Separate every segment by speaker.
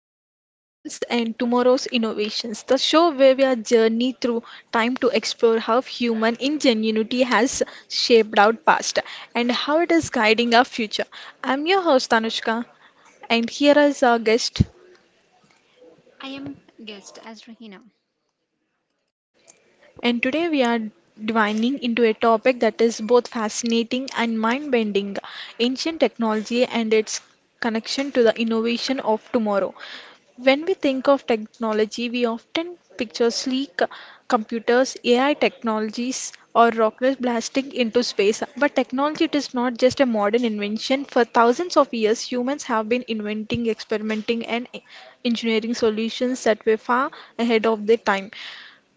Speaker 1: Yesterday's Inventions and Tomorrow's Innovations, the show where we are journey through time to explore how human ingenuity has shaped our past and how it is guiding our future. I'm your host, Anushka, and here is our guest.
Speaker 2: I am guest as Rahina.
Speaker 1: And today we are divining into a topic that is both fascinating and mind bending ancient technology and its connection to the innovation of tomorrow. When we think of technology, we often picture sleek computers, AI technologies, or rockets blasting into space. But technology it is not just a modern invention. For thousands of years, humans have been inventing, experimenting, and engineering solutions that were far ahead of their time.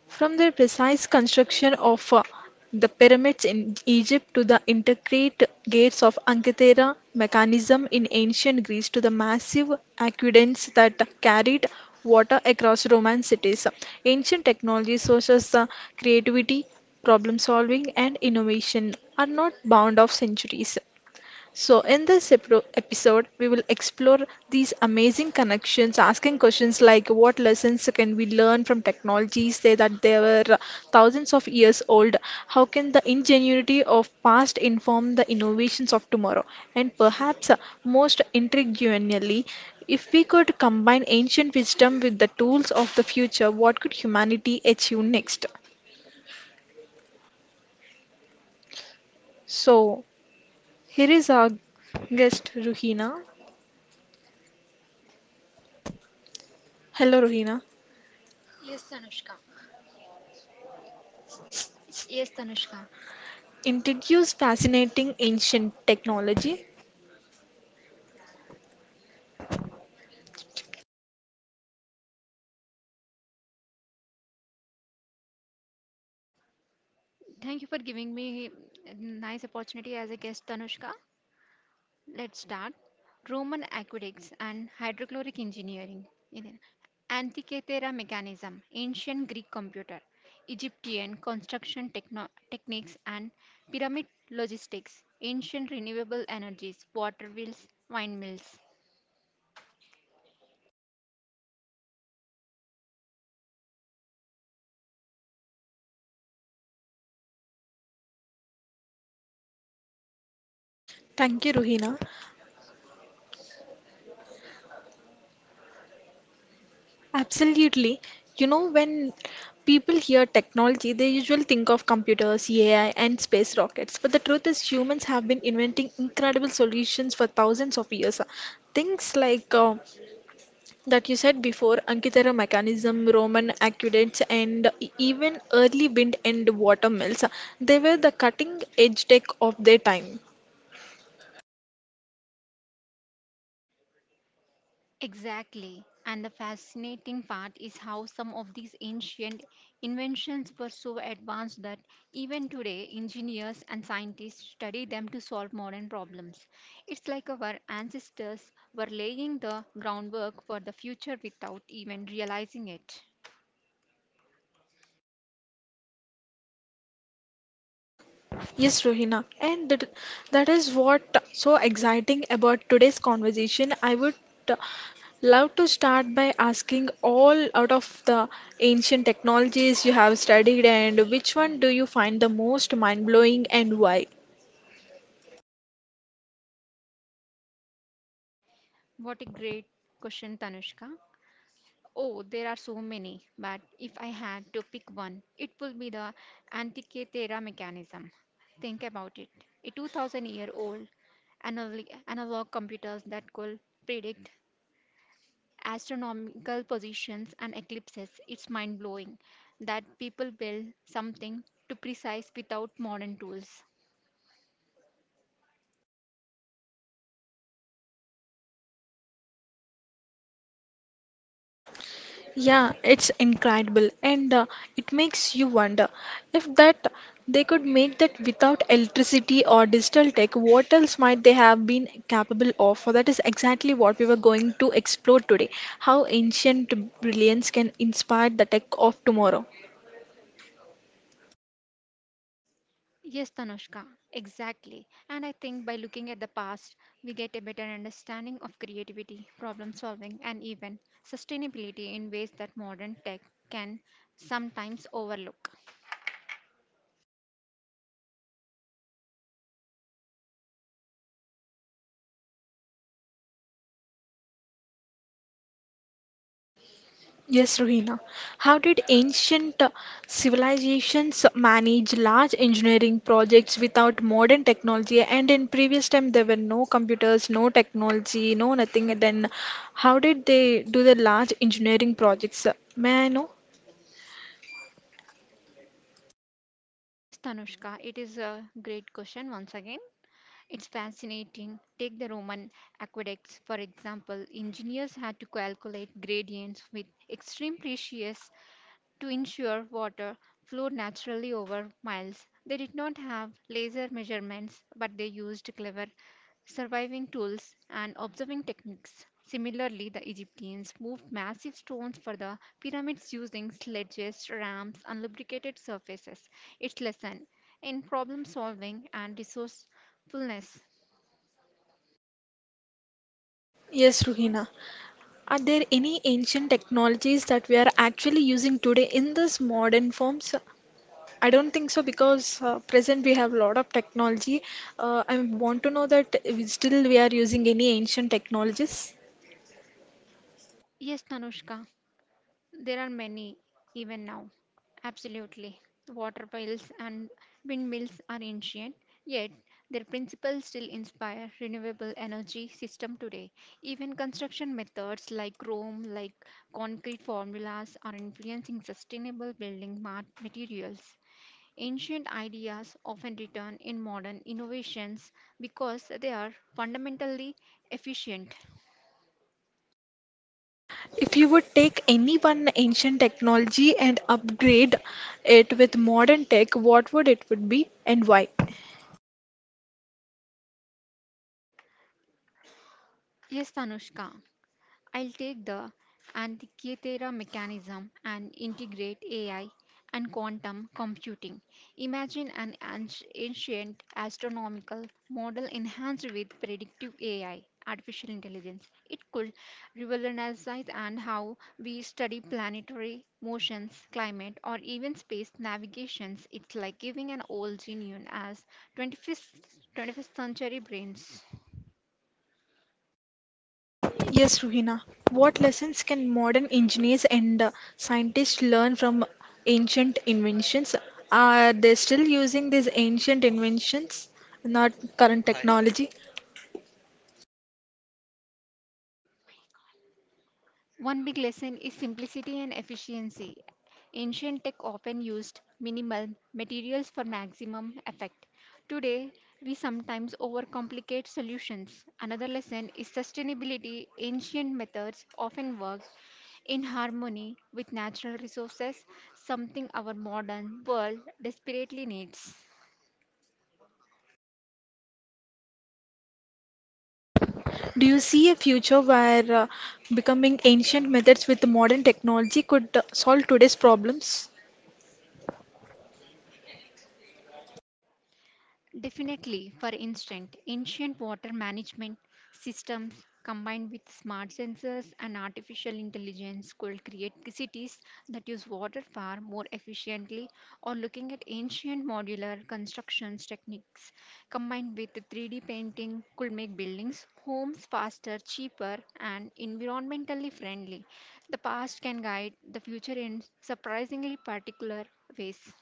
Speaker 1: From their precise construction of the pyramids in Egypt to the intricate gates of Ancythera mechanism in ancient Greece to the massive aqueducts that carried water across Roman cities, ancient technologies such as creativity, problem solving, and innovation are not bound of centuries. So, in this episode, we will explore these amazing connections, asking questions like what lessons can we learn from technologies say that they were thousands of years old? How can the ingenuity of past inform the innovations of tomorrow? And perhaps most intriguingly, if we could combine ancient wisdom with the tools of the future, what could humanity achieve next? So, here is our guest, Ruhina. Hello, Ruhina.
Speaker 2: Yes, Tanushka.
Speaker 1: Introduce fascinating ancient technology.
Speaker 2: Thank you for giving me a nice opportunity as a guest, Tanushka. Let's start. Roman aqueducts and hydrochloric engineering. Iden- Antikythera mechanism, ancient Greek computer, Egyptian construction techniques and pyramid logistics, ancient renewable energies, water wheels, wine mills.
Speaker 1: Thank you, Ruhina. Absolutely. You know, when people hear technology, they usually think of computers, AI, and space rockets. But the truth is, humans have been inventing incredible solutions for thousands of years. Things like that you said before, Ankitara mechanism, Roman aqueducts, and even early wind and water mills, they were the cutting edge tech of their time.
Speaker 2: Exactly. And the fascinating part is how some of these ancient inventions were so advanced that even today, engineers and scientists study them to solve modern problems. It's like our ancestors were laying the groundwork for the future without even realizing it.
Speaker 1: Yes, Rohina, and that is what so exciting about today's conversation. I would uh, love to start by asking all out of the ancient technologies you have studied, and which one do you find the most mind blowing and why?
Speaker 2: What a great question, Tanushka. Oh, there are so many, but if I had to pick one, it would be the Antikythera mechanism. Think about it. A 2000-year-old analog computers that could predict astronomical positions and eclipses. It's mind blowing that people built something to precise without modern tools.
Speaker 1: Yeah, it's incredible, and it makes you wonder if that they could make that without electricity or digital tech, what else might they have been capable of? For that is exactly what we were going to explore today, how ancient brilliance can inspire the tech of tomorrow.
Speaker 2: Yes, Tanushka, exactly. And I think by looking at the past, we get a better understanding of creativity, problem solving, and even sustainability in ways that modern tech can sometimes overlook.
Speaker 1: Yes, Rohina. How did ancient civilizations manage large engineering projects without modern technology? And in previous time, there were no computers, no technology, no nothing. And then, how did they do the large engineering projects? May I know?
Speaker 2: Yes, Tanushka, it is a great question once again. It's fascinating. Take the Roman aqueducts, for example. Engineers had to calculate gradients with extreme precious to ensure water flowed naturally over miles. They did not have laser measurements, but they used clever surveying tools and observing techniques. Similarly, the Egyptians moved massive stones for the pyramids using sledges, ramps, and lubricated surfaces. Its lesson in problem solving and resourcefulness.
Speaker 1: Yes, Ruhina. Are there any ancient technologies that we are actually using today in this modern forms? I don't think so because present we have a lot of technology. I want to know that we still we are using any ancient technologies.
Speaker 2: Yes, Tanushka. There are many, even now. Absolutely. Water piles and windmills are ancient, yet their principles still inspire renewable energy system today. Even construction methods like chrome, like concrete formulas are influencing sustainable building materials. Ancient ideas often return in modern innovations because they are fundamentally efficient.
Speaker 1: If you would take any one ancient technology and upgrade it with modern tech, what would it would be and why?
Speaker 2: Yes, Tanushka. I'll take the Antequera mechanism and integrate AI and quantum computing. Imagine an ancient astronomical model enhanced with predictive AI, artificial intelligence. It could revolutionize and how we study planetary motions, climate, or even space navigations. It's like giving an old genius as 25th, 21st century brains.
Speaker 1: Yes, Ruhina. What lessons can modern engineers and scientists learn from ancient inventions? Are they still using these ancient inventions, not current technology?
Speaker 2: One big lesson is simplicity and efficiency. Ancient tech often used minimal materials for maximum effect. Today, we sometimes overcomplicate solutions. Another lesson is sustainability. Ancient methods often work in harmony with natural resources, something our modern world desperately needs.
Speaker 1: Do you see a future where becoming ancient methods with modern technology could solve today's problems?
Speaker 2: Definitely. For instance, ancient water management systems combined with smart sensors and artificial intelligence could create cities that use water far more efficiently, or looking at ancient modular constructions techniques combined with 3D painting could make buildings, homes faster, cheaper, and environmentally friendly. The past can guide the future in surprisingly particular ways.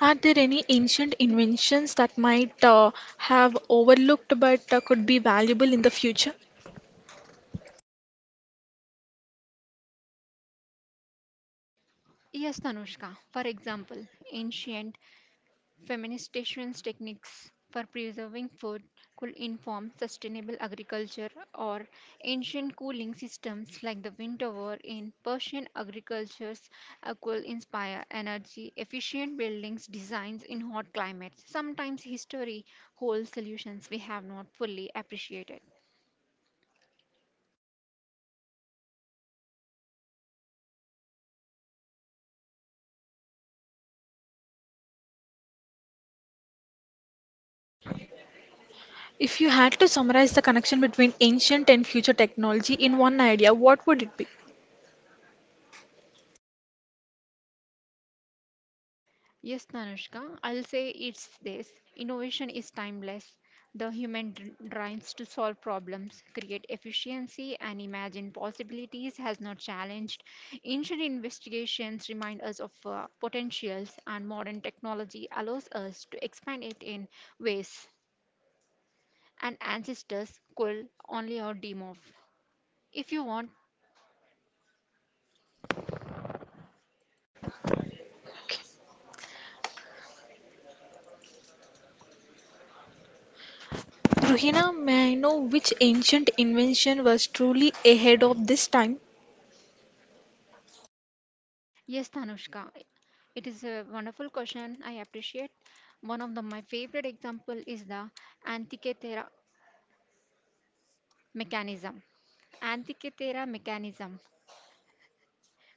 Speaker 1: Are there any ancient inventions that might have overlooked but could be valuable in the future?
Speaker 2: Yes, Tanushka. For example, ancient feminist stations techniques for preserving food could inform sustainable agriculture, or ancient cooling systems like the wind tower in Persian agricultures could inspire energy efficient buildings designs in hot climates. Sometimes history holds solutions we have not fully appreciated.
Speaker 1: If you had to summarize the connection between ancient and future technology in one idea, what would it be?
Speaker 2: Yes, Tanushka, I'll say it's this. Innovation is timeless. The human drives to solve problems, create efficiency, and imagine possibilities has not challenged. Ancient investigations remind us of potentials, and modern technology allows us to expand it in ways and ancestors could only or dream of. If you want,
Speaker 1: Ruhina, may I know which ancient invention was truly ahead of this time?
Speaker 2: yes, Tanushka, it is a wonderful question. I appreciate. My favorite example is the Antikythera mechanism. Antikythera mechanism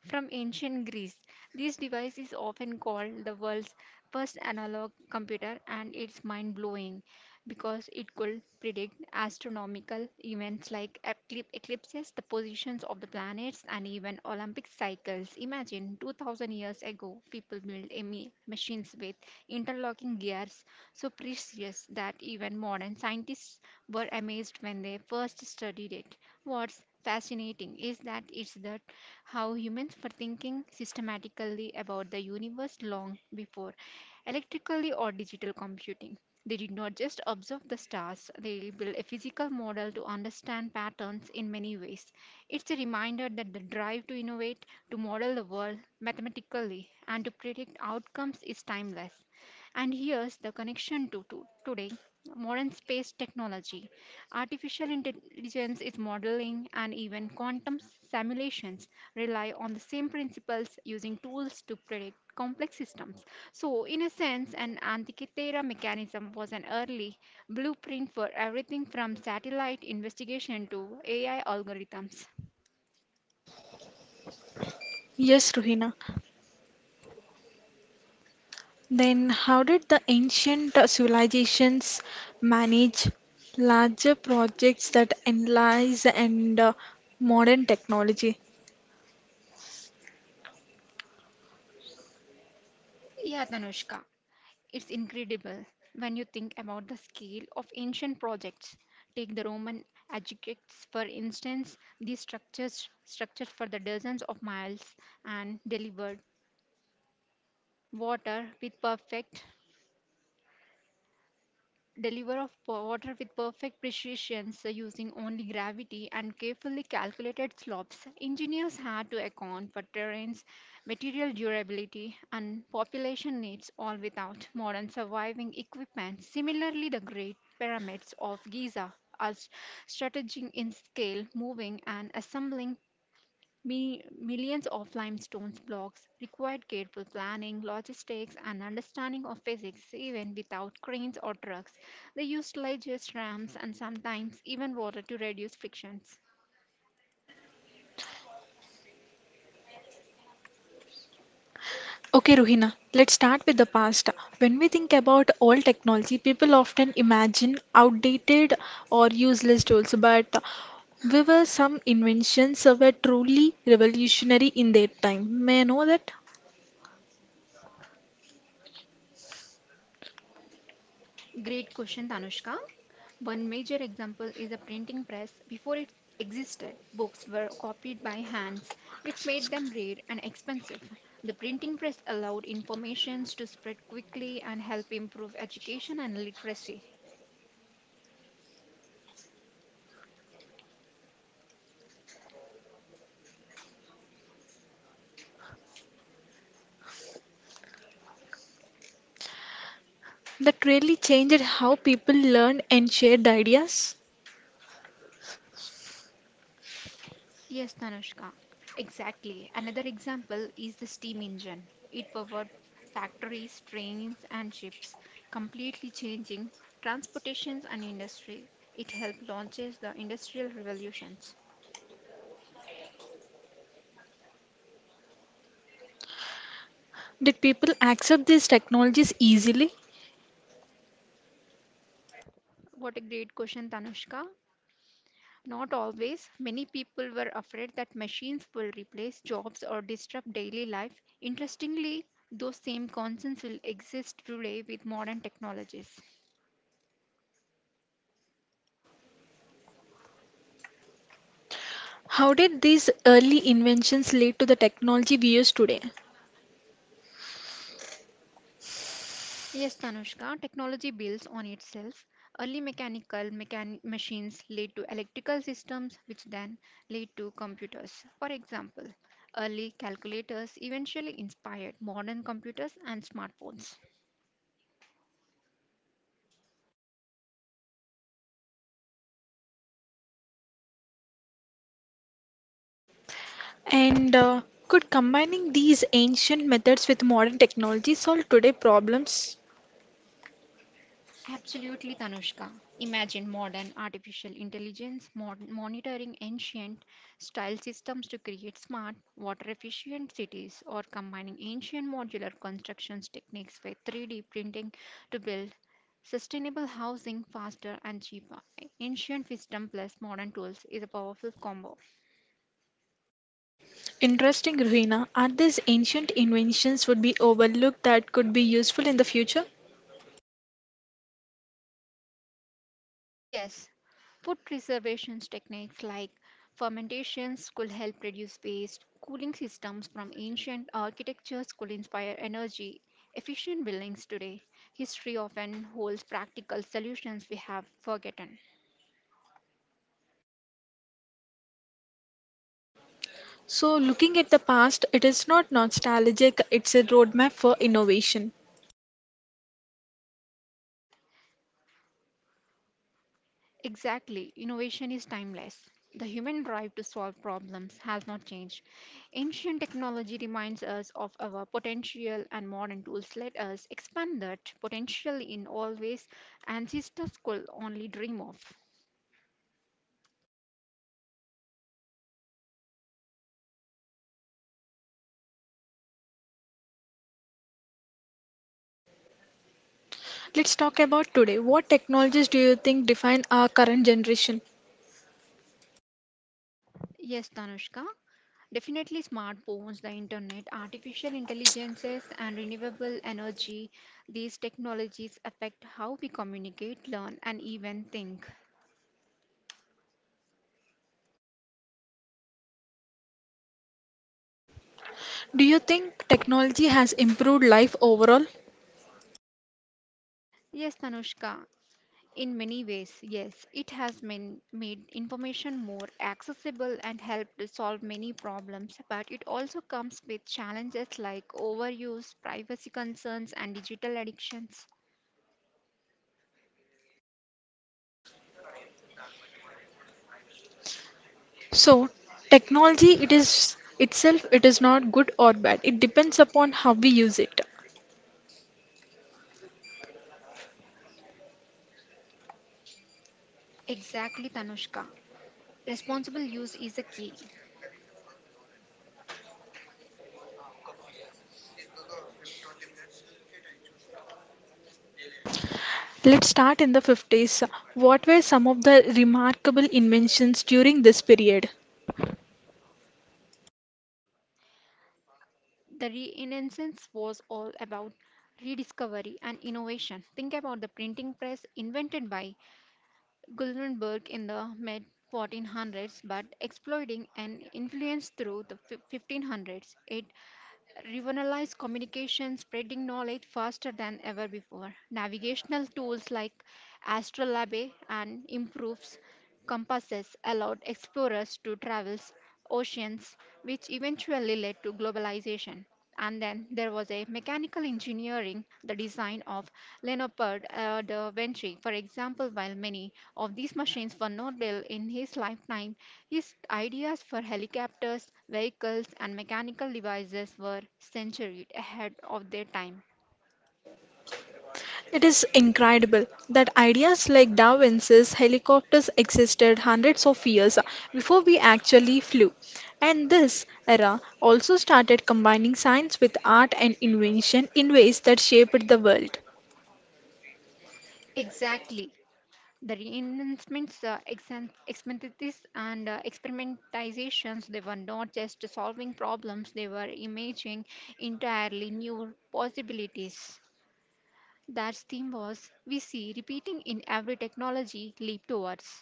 Speaker 2: from ancient Greece, this device is often called the world's first analog computer, and it's mind blowing because it could predict astronomical events like eclipses, the positions of the planets, and even Olympic cycles. Imagine 2000 years ago, people built a machines with interlocking gears so precious that even modern scientists were amazed when they first studied it. What's fascinating is that it's the how humans were thinking systematically about the universe long before electrically or digital computing. They did not just observe the stars, they built a physical model to understand patterns in many ways. It's a reminder that the drive to innovate, to model the world mathematically, and to predict outcomes is timeless. And here's the connection to today modern space technology. Artificial intelligence is modeling and even quantum simulations rely on the same principles using tools to predict complex systems. So, in a sense, an Antikythera mechanism was an early blueprint for everything from satellite investigation to AI algorithms.
Speaker 1: Yes, Ruhina. Then, how did the ancient civilizations manage larger projects that analyze and modern technology?
Speaker 2: Yeah, Tanushka. It's incredible when you think about the scale of ancient projects. Take the Roman aqueducts, for instance. These structures structured for the dozens of miles and delivered water with perfect water with perfect precision, so using only gravity and carefully calculated slopes, engineers had to account for terrains, material durability, and population needs, all without modern surviving equipment. Similarly, the great pyramids of Giza are strategizing in scale. Moving and assembling millions of limestone blocks required careful planning, logistics, and understanding of physics, even without cranes or trucks. They used sledges, ramps, and sometimes even water to reduce frictions.
Speaker 1: Okay, Ruhina, let's start with the past. When we think about old technology, people often imagine outdated or useless tools, but we were some inventions that were truly revolutionary in their time. May I know that?
Speaker 2: Great question, Tanushka. One major example is a printing press. Before it existed, books were copied by hands, which made them rare and expensive. The printing press allowed information to spread quickly and help improve education and literacy.
Speaker 1: That really changed how people learned and shared ideas.
Speaker 2: Yes, Tanushka. Exactly. Another example is the steam engine. It powered factories, trains, and ships, completely changing transportations and industry. It helped launches the industrial revolutions.
Speaker 1: Did people accept these technologies easily?
Speaker 2: What a great question, Tanushka. Not always. Many people were afraid that machines will replace jobs or disrupt daily life. Interestingly, those same concerns will exist today with modern technologies.
Speaker 1: How did these early inventions lead to the technology we use today?
Speaker 2: Yes, Tanushka, technology builds on itself. Early mechanical machines led to electrical systems, which then led to computers. For example, early calculators eventually inspired modern computers and smartphones.
Speaker 1: And could combining these ancient methods with modern technology solve today problems?
Speaker 2: Absolutely, Tanushka. Imagine modern artificial intelligence monitoring ancient style systems to create smart, water efficient cities, or combining ancient modular constructions techniques with 3D printing to build sustainable housing faster and cheaper. Ancient wisdom plus modern tools is a powerful combo.
Speaker 1: Interesting, Ruhina. Are these ancient inventions would be overlooked that could be useful in the future?
Speaker 2: Yes, food preservations techniques like fermentations could help reduce waste. Cooling systems from ancient architectures could inspire energy efficient buildings today. History often holds practical solutions we have forgotten.
Speaker 1: So, looking at the past, it is not nostalgic, it's a roadmap for innovation.
Speaker 2: Exactly. Innovation is timeless. The human drive to solve problems has not changed. Ancient technology reminds us of our potential, and modern tools let us expand that potential in all ways ancestors could only dream of.
Speaker 1: Let's talk about today. What technologies do you think define our current generation?
Speaker 2: Yes, Tanushka. Definitely smartphones, the internet, artificial intelligences, and renewable energy. These technologies affect how we communicate, learn, and even think.
Speaker 1: Do you think technology has improved life overall?
Speaker 2: Yes, Tanushka. In many ways, yes, it has made information more accessible and helped solve many problems, but it also comes with challenges like overuse, privacy concerns, and digital addictions.
Speaker 1: So, technology it is itself it is not good or bad. It depends upon how we use it.
Speaker 2: Exactly, Tanushka. Responsible use is a key.
Speaker 1: Let's start in the 50s. What were some of the remarkable inventions during this period?
Speaker 2: The Renaissance was all about rediscovery and innovation. Think about the printing press invented by Guldenberg in the mid 1400s, but exploiting an influence through the 1500s. It revolutionized communication, spreading knowledge faster than ever before. Navigational tools like astrolabe and improved compasses allowed explorers to traverse oceans, which eventually led to globalization. And then there was a mechanical engineering, the design of Leonpard da Vinci. For example, while many of these machines were not built in his lifetime, his ideas for helicopters, vehicles, and mechanical devices were centuries ahead of their time.
Speaker 1: It is incredible that ideas like Da Vinci's helicopters existed hundreds of years before we actually flew. And this era also started combining science with art and invention in ways that shaped the world.
Speaker 2: Exactly. The reenactments, experimentists, and experimentizations, they were not just solving problems, they were imaging entirely new possibilities. That theme was we see repeating in every technology leap towards.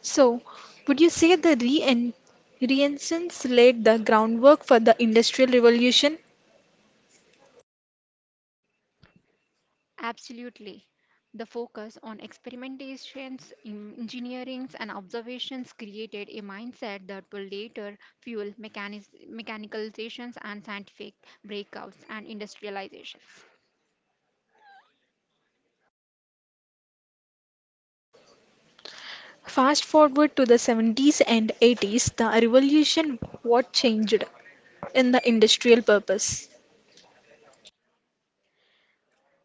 Speaker 1: So, would you say the re Renaissance laid the groundwork for the Industrial Revolution?
Speaker 2: Absolutely. The focus on experimentations, in engineerings, and observations created a mindset that will later fuel mechanical mechanications and scientific breakouts and industrializations.
Speaker 1: Fast forward to the 70s and 80s, the revolution what changed in the industrial purpose?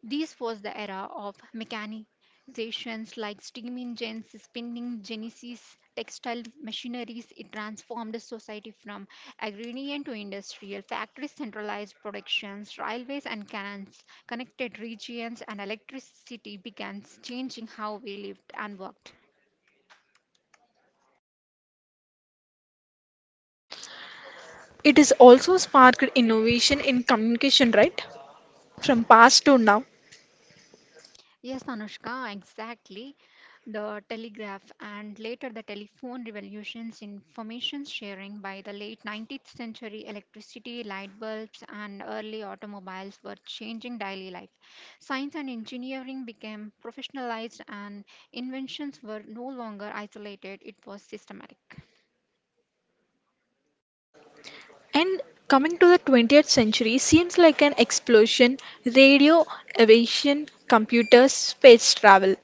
Speaker 2: This was the era of mechanizations like steam engines, spinning genesis, textile machineries. It transformed society from agrarian to industrial. Factories centralized productions, railways and canals connected regions, and electricity began changing how we lived and worked.
Speaker 1: It has also sparked innovation in communication, right? From past to now.
Speaker 2: Yes, Anushka, exactly. The telegraph and later the telephone revolutions, information sharing by the late 19th century, electricity, light bulbs, and early automobiles were changing daily life. Science and engineering became professionalized, and inventions were no longer isolated, it was systematic.
Speaker 1: And coming to the 20th century seems like an explosion, radio, aviation, computers, space travel.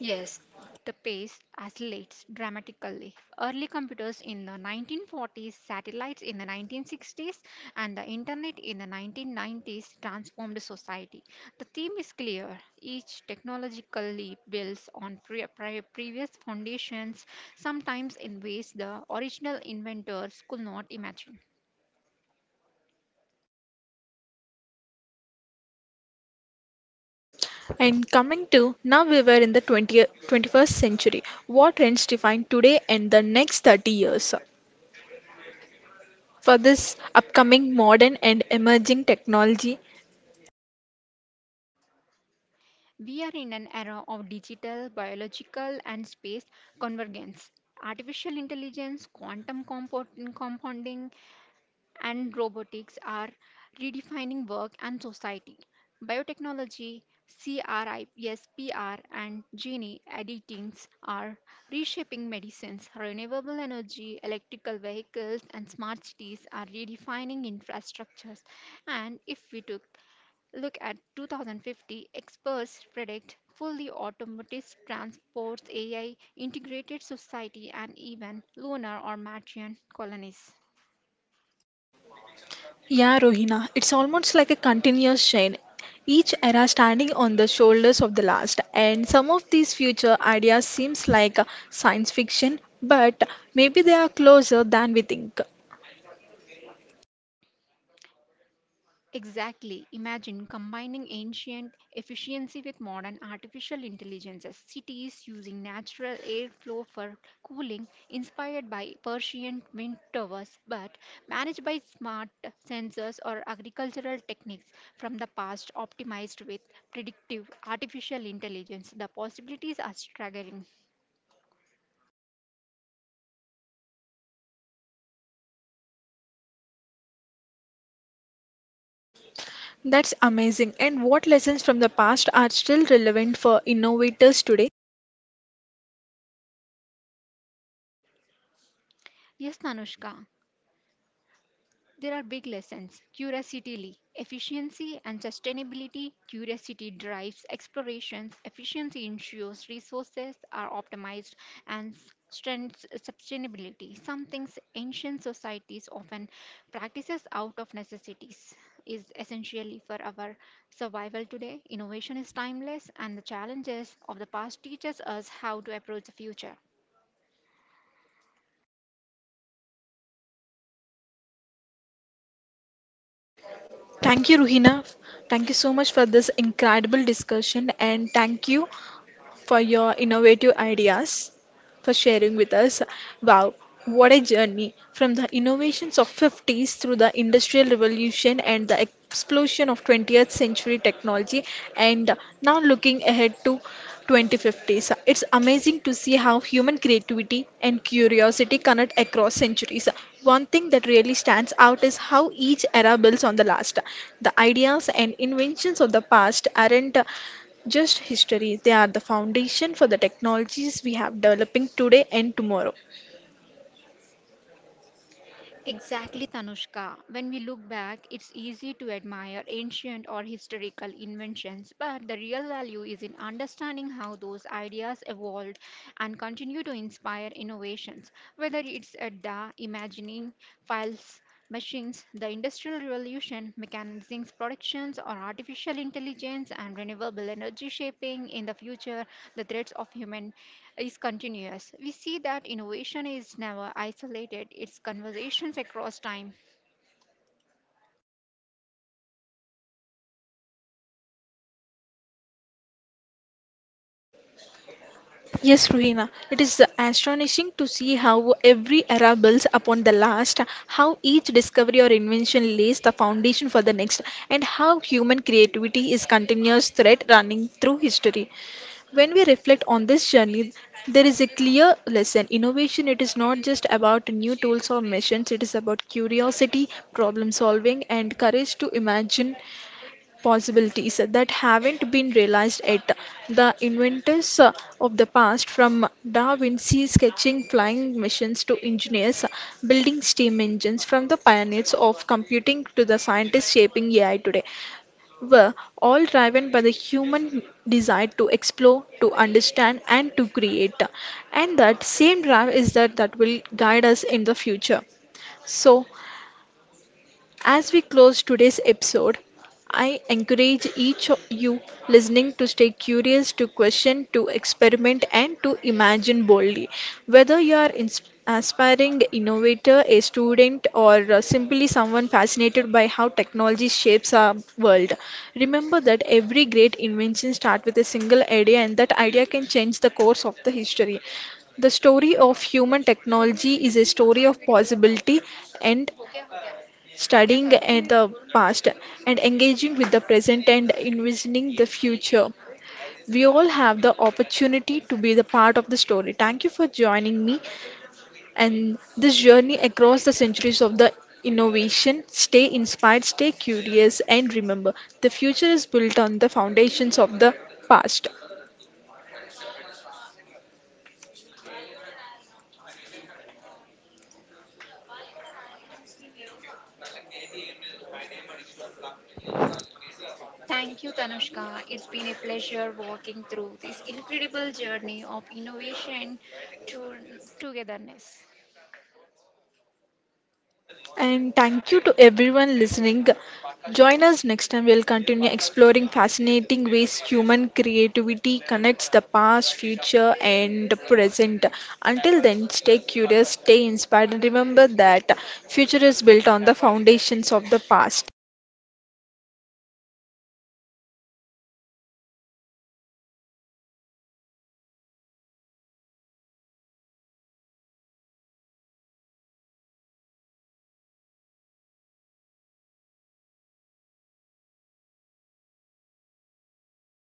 Speaker 2: Yes, the pace accelerates dramatically. Early computers in the 1940s, satellites in the 1960s, and the internet in the 1990s transformed society. The theme is clear. Each technological leap builds on previous foundations, sometimes in ways the original inventors could not imagine.
Speaker 1: And coming to now we were in the 20th, 21st century. What trends define today and the next 30 years? For this upcoming modern and emerging technology,
Speaker 2: We are in an era of digital, biological, and space convergence. Artificial intelligence, quantum compounding, and robotics are redefining work and society. Biotechnology, CRISPR, and gene editings are reshaping medicines. Renewable energy, electrical vehicles, and smart cities are redefining infrastructures. And if we took look at 2050, experts predict fully automated transports, AI, integrated society, and even lunar or Martian colonies.
Speaker 1: yeah, Rohina, it's almost like a continuous chain. Each era standing on the shoulders of the last, and some of these future ideas seems like science fiction, but maybe they are closer than we think.
Speaker 2: Exactly. Imagine combining ancient efficiency with modern artificial intelligences. Cities using natural airflow for cooling, inspired by Persian wind towers, but managed by smart sensors or agricultural techniques from the past, optimized with predictive artificial intelligence. The possibilities are staggering.
Speaker 1: That's amazing. And what lessons from the past are still relevant for innovators today?
Speaker 2: Yes, Nanushka. There are big lessons. Curiosity, efficiency and sustainability. Curiosity drives explorations. Efficiency ensures resources are optimized and strengthens sustainability. Some things ancient societies often practices out of necessities is essentially for our survival today. Innovation is timeless and the challenges of the past teaches us how to approach the future.
Speaker 1: Thank you, Ruhina. Thank you so much for this incredible discussion, and thank you, for your innovative ideas, for sharing with us. Wow, what a journey from the innovations of 50s through the industrial revolution and the explosion of 20th century technology and now looking ahead to 2050s. It's amazing to see how human creativity and curiosity connect across centuries. One thing that really stands out is how each era builds on the last. The ideas and inventions of the past aren't just history, they are the foundation for the technologies we have developing today and tomorrow.
Speaker 2: Exactly, Tanushka. When we look back, it's easy to admire ancient or historical inventions, but the real value is in understanding how those ideas evolved and continue to inspire innovations, whether it's at the imagining files. Machines, the Industrial Revolution, mechanisms, productions, or artificial intelligence and renewable energy shaping in the future, the threats of human is continuous. We see that innovation is never isolated, it's conversations across time.
Speaker 1: Yes, Ruhina, it is astonishing to see how every era builds upon the last, how each discovery or invention lays the foundation for the next, and how human creativity is continuous thread running through history. When we reflect on this journey, there is a clear lesson. Innovation, it is not just about new tools or machines, it is about curiosity, problem solving, and courage to imagine possibilities that haven't been realized yet. The inventors of the past, from Da Vinci sketching flying machines to engineers building steam engines, from the pioneers of computing to the scientists shaping AI today, were all driven by the human desire to explore, to understand, and to create. And that same drive is that will guide us in the future. So, as we close today's episode, I encourage each of you listening to stay curious, to question, to experiment, and to imagine boldly. Whether you are an aspiring innovator, a student, or simply someone fascinated by how technology shapes our world, remember that every great invention starts with a single idea, and that idea can change the course of the history. The story of human technology is a story of possibility and studying at the past and engaging with the present and envisioning the future. We all have the opportunity to be the part of the story. Thank you for joining me and this journey across the centuries of the innovation. Stay inspired, stay curious, and remember the future is built on the foundations of the past.
Speaker 2: Thank you, Tanushka. It's been a pleasure walking through this incredible journey of innovation to togetherness.
Speaker 1: And thank you to everyone listening. Join us next time. We'll continue exploring fascinating ways human creativity connects the past, future, and the present. Until then, stay curious, stay inspired, and remember that future is built on the foundations of the past.